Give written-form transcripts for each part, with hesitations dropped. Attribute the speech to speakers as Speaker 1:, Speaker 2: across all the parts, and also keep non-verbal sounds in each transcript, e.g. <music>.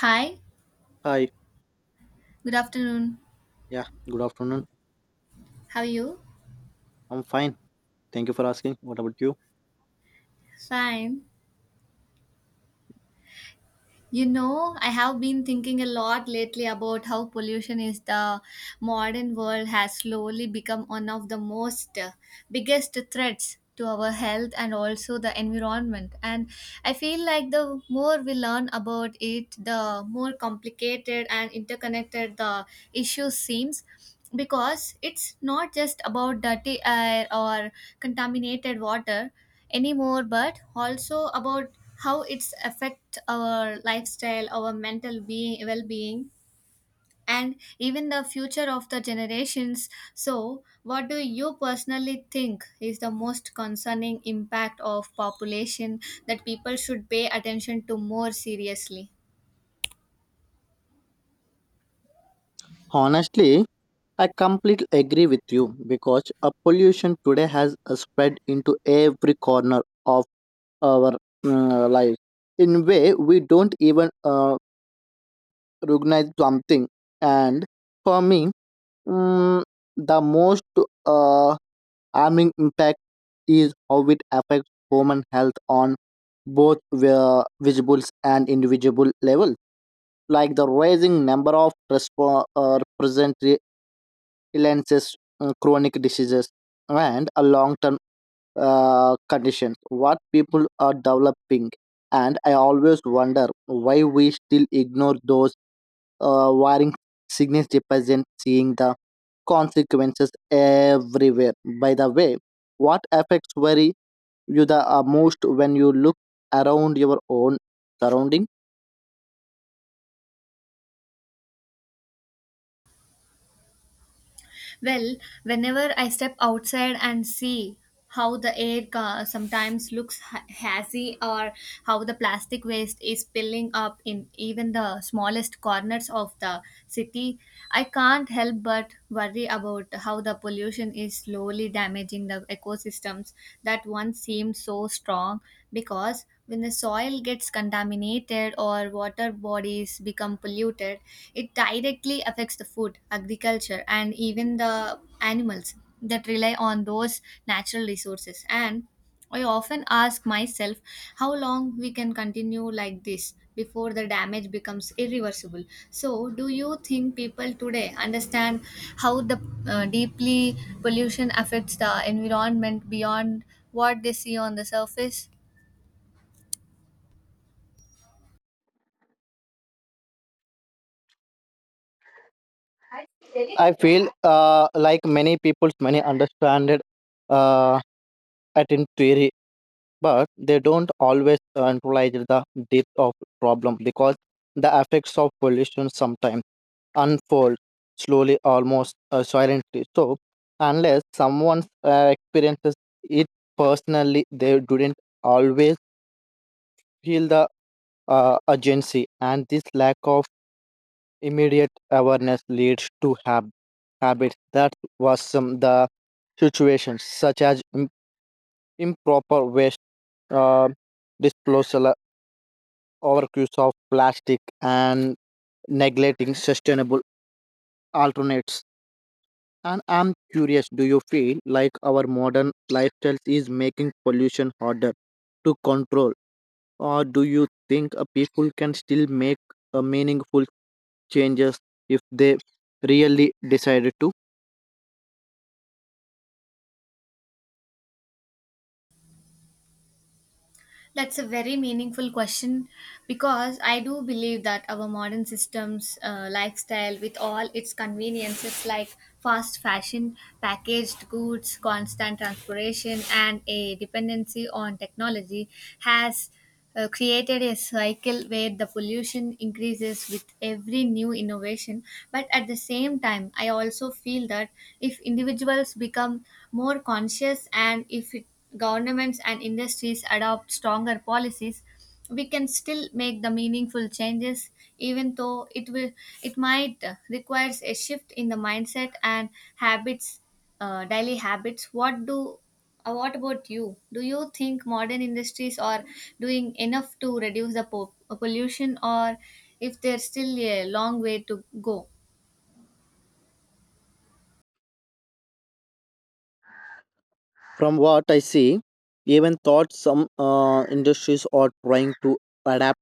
Speaker 1: Hi,
Speaker 2: Hi.
Speaker 1: good afternoon.
Speaker 2: Yeah, good afternoon.
Speaker 1: How are you?
Speaker 2: I'm fine. Thank you for asking. What about you?
Speaker 1: Fine. You know, I have been thinking a lot lately about how pollution is the modern world has slowly become one of the most biggest threats to our health and also the environment. And I feel like the more we learn about it, the more complicated and interconnected the issue seems because it's not just about dirty air or contaminated water anymore but also about how it's affect our lifestyle our mental being well-being and even the future of the generations. So what do you personally think is the most concerning impact of population that people should pay attention to more seriously?
Speaker 2: Honestly, I completely agree with you because a pollution today has spread into every corner of our life in way we don't even recognize something. And for me, mm, the most uh, harming impact is how it affects human health on both visible and individual level, like the rising number of illnesses, chronic diseases, and a long term condition what people are developing. And I always wonder why we still ignore those wiring signals, represent seeing the consequences everywhere. By the way, what affects worry you the most when you look around your own surrounding?
Speaker 1: Well, whenever I step outside and see how the air sometimes looks hazy or how the plastic waste is spilling up in even the smallest corners of the city, I can't help but worry about how the pollution is slowly damaging the ecosystems that once seemed so strong, because when the soil gets contaminated or water bodies become polluted, it directly affects the food, agriculture, and even the animals that rely on those natural resources. And I often ask myself how long we can continue like this before the damage becomes irreversible. So, do you think people today understand how the deeply pollution affects the environment beyond what they see on the surface?
Speaker 2: I feel like many people's many understand it, uh, at in theory, but they don't always centralize the depth of problem, because the effects of pollution sometimes unfold slowly, almost silently. So, unless someone experiences it personally, they didn't always feel the urgency, and this lack of immediate awareness leads to habits that worsen the situations, such as improper waste uh, disposal, overuse of plastic, and neglecting sustainable alternates. And I'm curious, do you feel like our modern lifestyle is making pollution harder to control, or do you think people can still make a meaningful changes if they really decided to?
Speaker 1: That's a very meaningful question because I do believe that our modern systems, lifestyle, with all its conveniences like fast fashion, packaged goods, constant transportation, and a dependency on technology, has created a cycle where the pollution increases with every new innovation. But at the same time I also feel that if individuals become more conscious and if it, governments and industries adopt stronger policies, we can still make the meaningful changes, even though it will it might requires a shift in the mindset and habits, daily habits. What about you? Do you think modern industries are doing enough to reduce the pollution, or if there's still a long way to go?
Speaker 2: From what I see, even thought some industries are trying to adapt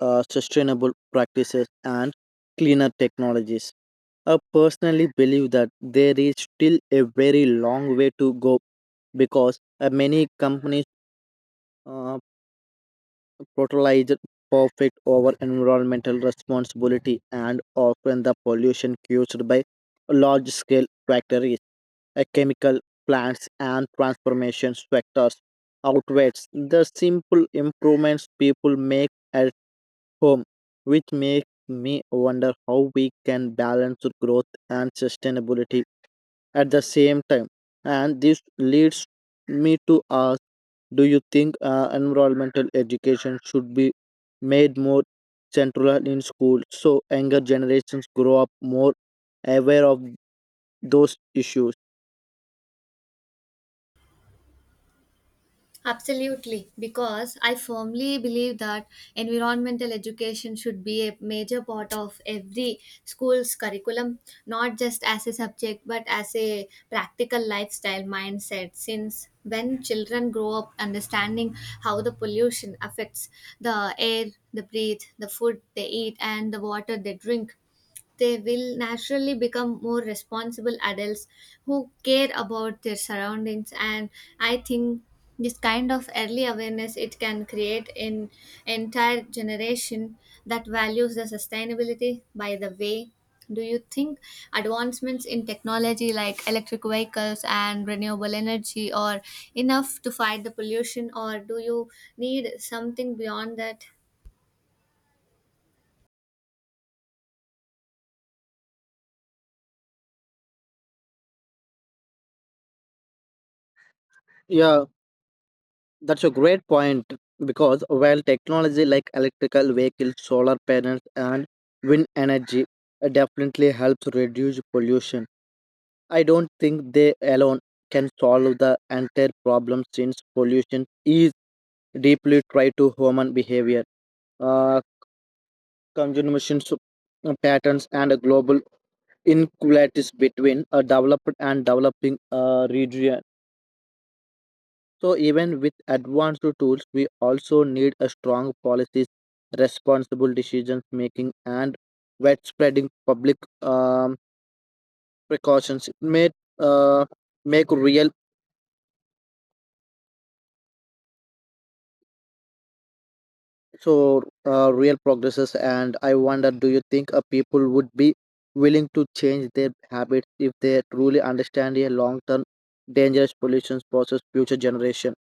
Speaker 2: sustainable practices and cleaner technologies, I personally believe that there is still a very long way to go because many companies uh, prioritize perfect over environmental responsibility, and often the pollution caused by large scale factories, chemical plants, and transformation sectors outweighs the simple improvements people make home, which makes me wonder how we can balance growth and sustainability at the same time. And this leads me to ask, do you think environmental education should be made more central in school so younger generations grow up more aware of those issues?
Speaker 1: Absolutely, because I firmly believe that environmental education should be a major part of every school's curriculum, not just as a subject but as a practical lifestyle mindset. Since when children grow up understanding how the pollution affects the air, the breathe, the food they eat, and the water they drink, they will naturally become more responsible adults who care about their surroundings. And I think this kind of early awareness it can create an entire generation that values the sustainability. By the way, do you think advancements in technology like electric vehicles and renewable energy are enough to fight the pollution, or do you need something beyond that?
Speaker 2: Yeah, that's a great point, because while technology like electrical vehicles, solar panels, and wind energy definitely helps reduce pollution, I don't think they alone can solve the entire problem, since pollution is deeply tied to human behavior, uh, consumption s- patterns, and global inequalities between a developed and developing region. So even with advanced tools, we also need a strong policies, responsible decision making, and widespreading public um, precautions. It may uh, make real, real progresses. And I wonder, do you think people would be willing to change their habits if they truly understand a long-term dangerous pollution poses future generation?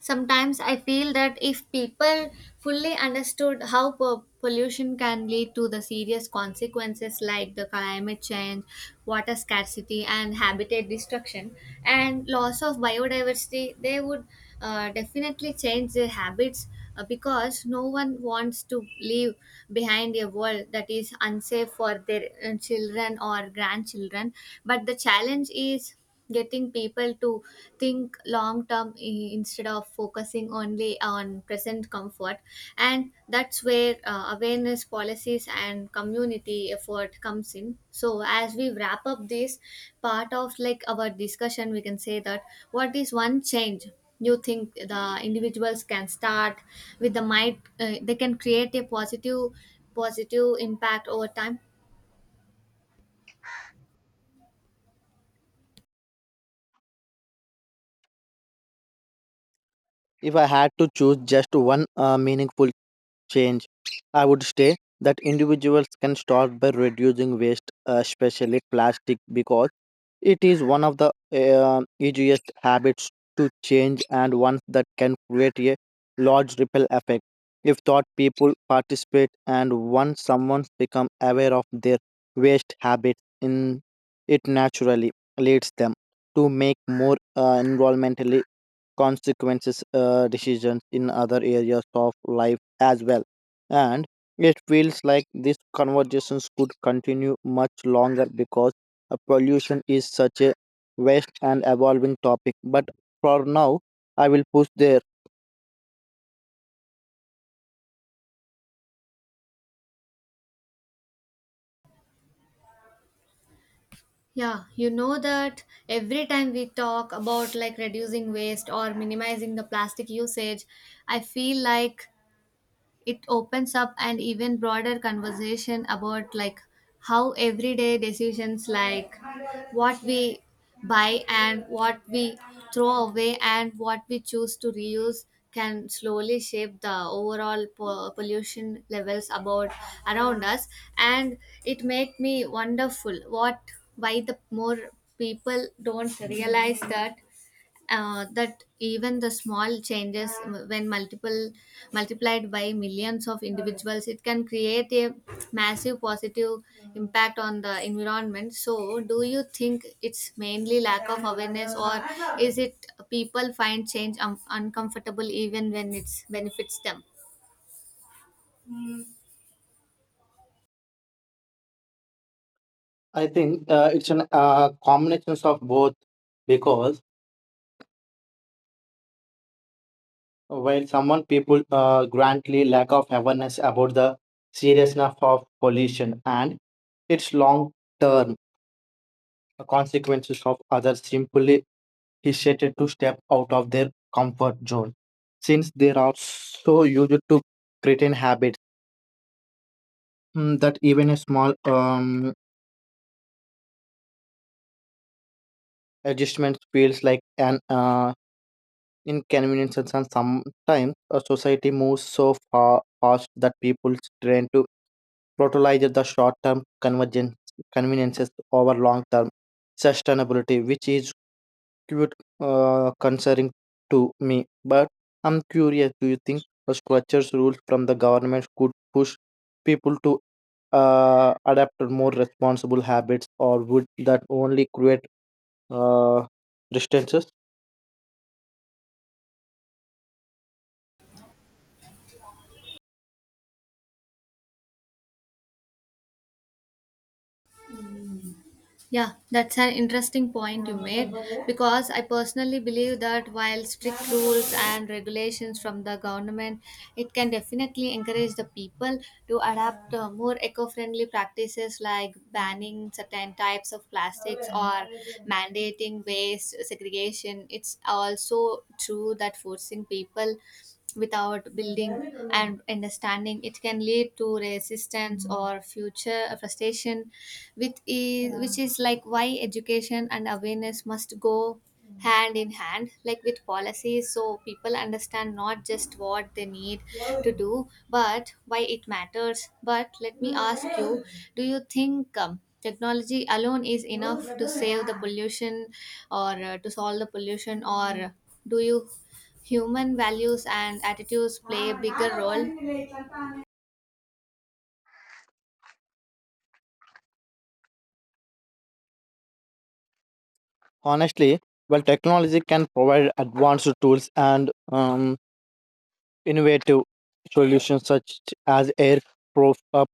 Speaker 1: Sometimes I feel that if people fully understood how pollution can lead to the serious consequences like the climate change, water scarcity, and habitat destruction, and loss of biodiversity, they would definitely change their habits, because no one wants to leave behind a world that is unsafe for their children or grandchildren. But the challenge is getting people to think long term, instead of focusing only on present comfort. And that's where awareness policies and community effort comes in. So as we wrap up this part of like our discussion, we can say that what is one change you think the individuals can start with the might they can create a positive impact over time?
Speaker 2: If I had to choose just one meaningful change, I would say that individuals can start by reducing waste, especially plastic, because it is one of the easiest habits to change, and ones that can create a large ripple effect. If thought people participate, and once someone become aware of their waste habits, in it naturally leads them to make more environmentally consequences decisions in other areas of life as well. And it feels like these conversations could continue much longer because pollution is such a vast and evolving topic, but for now I will push there.
Speaker 1: Yeah, you know that every time we talk about like reducing waste or minimizing the plastic usage, I feel like it opens up an even broader conversation about like how everyday decisions like what we buy and what we throw away and what we choose to reuse can slowly shape the overall pollution levels about around us. And it make me wonderful what why the more people don't realize that that even the small changes when multiple multiplied by millions of individuals it can create a massive positive impact on the environment. So do you think it's mainly lack of awareness, or is it people find change uncomfortable even when it benefits them?
Speaker 2: I think it's an combination of both, because while someone people grantly lack of awareness about the seriousness of pollution and its long term the consequences of others simply hesitate to step out of their comfort zone, since they are so used to certain habits, that even a small adjustment feels like an inconvenience. And sometimes a society moves so far fast that people tend to prioritize the short-term convergence conveniences over long-term sustainability, which is cute concerning to me. But I'm curious, do you think a structures rules from the government could push people to adapt to more responsible habits, or would that only create uh, restrictions?
Speaker 1: Yeah, that's an interesting point you made, because I personally believe that while strict rules and regulations from the government, it can definitely encourage the people to adapt more eco friendly practices like banning certain types of plastics or mandating waste segregation. It's also true that forcing people without building and understanding it can lead to resistance or future frustration, which is yeah which is like why education and awareness must go hand in hand like with policies so people understand not just what they need to do but why it matters. But let me ask you, do you think technology alone is enough to save the pollution, or to solve the pollution, or do you human values and attitudes play a bigger role?
Speaker 2: Honestly, well, technology can provide advanced tools and innovative solutions such as air prof- uh,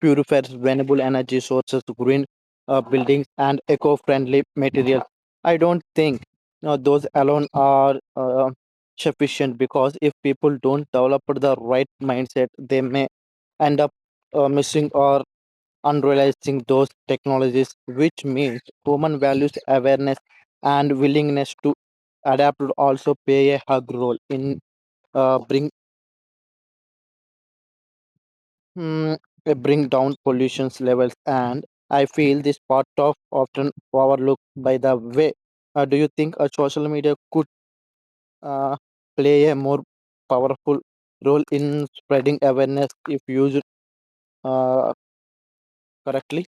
Speaker 2: purifiers, renewable energy sources, green buildings, and eco-friendly materials. I don't think those alone are sufficient, because if people don't develop the right mindset, they may end up missing or unrealizing those technologies, which means human values, awareness, and willingness to adapt would also play a hug role in uh, bringing mm, bring down pollution levels. And I feel this part of often overlooked. By the way, do you think a social media could uh, play a more powerful role in spreading awareness if used uh, correctly?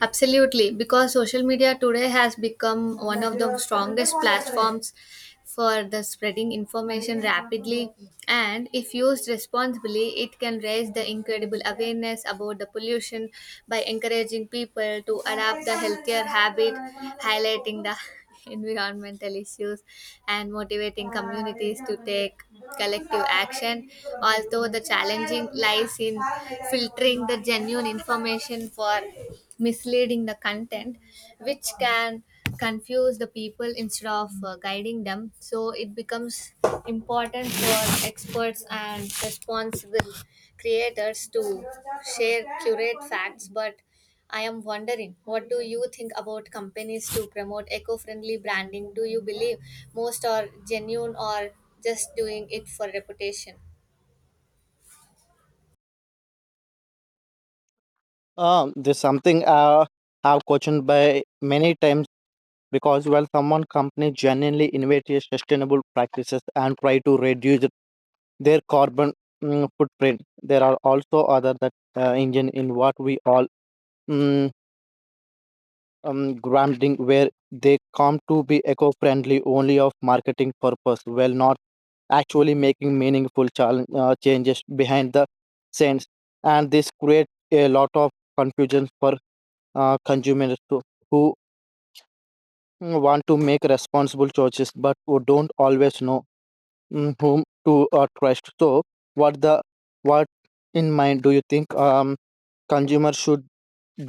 Speaker 1: Absolutely, because social media today has become one of the strongest platforms for the spreading information rapidly, and if used responsibly it can raise the incredible awareness about the pollution by encouraging people to adapt the healthier habit, highlighting the <laughs> environmental issues and motivating communities to take collective action, although the challenging lies in filtering the genuine information for misleading the content, which can confuse the people instead of guiding them. So it becomes important for experts and responsible creators to share curate facts. But I am wondering, what do you think about companies to promote eco-friendly branding? Do you believe most are genuine or just doing it for reputation?
Speaker 2: There's something I've questioned by many times, because while someone company genuinely innovate sustainable practices and try to reduce their carbon footprint, there are also other that engine in what we all mm, grounding, where they come to be eco-friendly only of marketing purpose, while not actually making meaningful changes behind the scenes. And this creates a lot of confusion for consumers to, who want to make responsible choices but who don't always know whom to trust. So, what the what in mind, do you think consumer should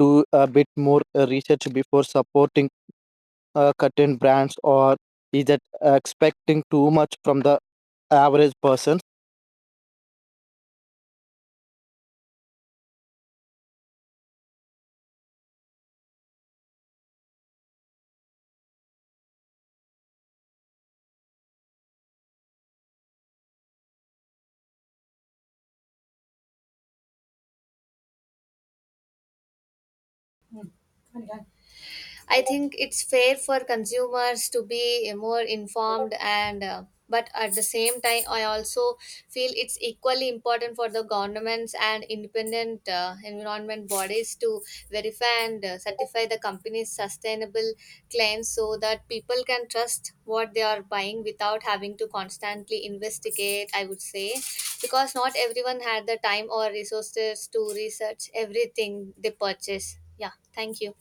Speaker 2: do a bit more research before supporting certain brands, or is it expecting too much from the average person?
Speaker 1: I think it's fair for consumers to be more informed and but at the same time I also feel it's equally important for the governments and independent environment bodies to verify and certify the company's sustainable claims so that people can trust what they are buying without having to constantly investigate, I would say, because not everyone had the time or resources to research everything they purchase. Yeah, thank you.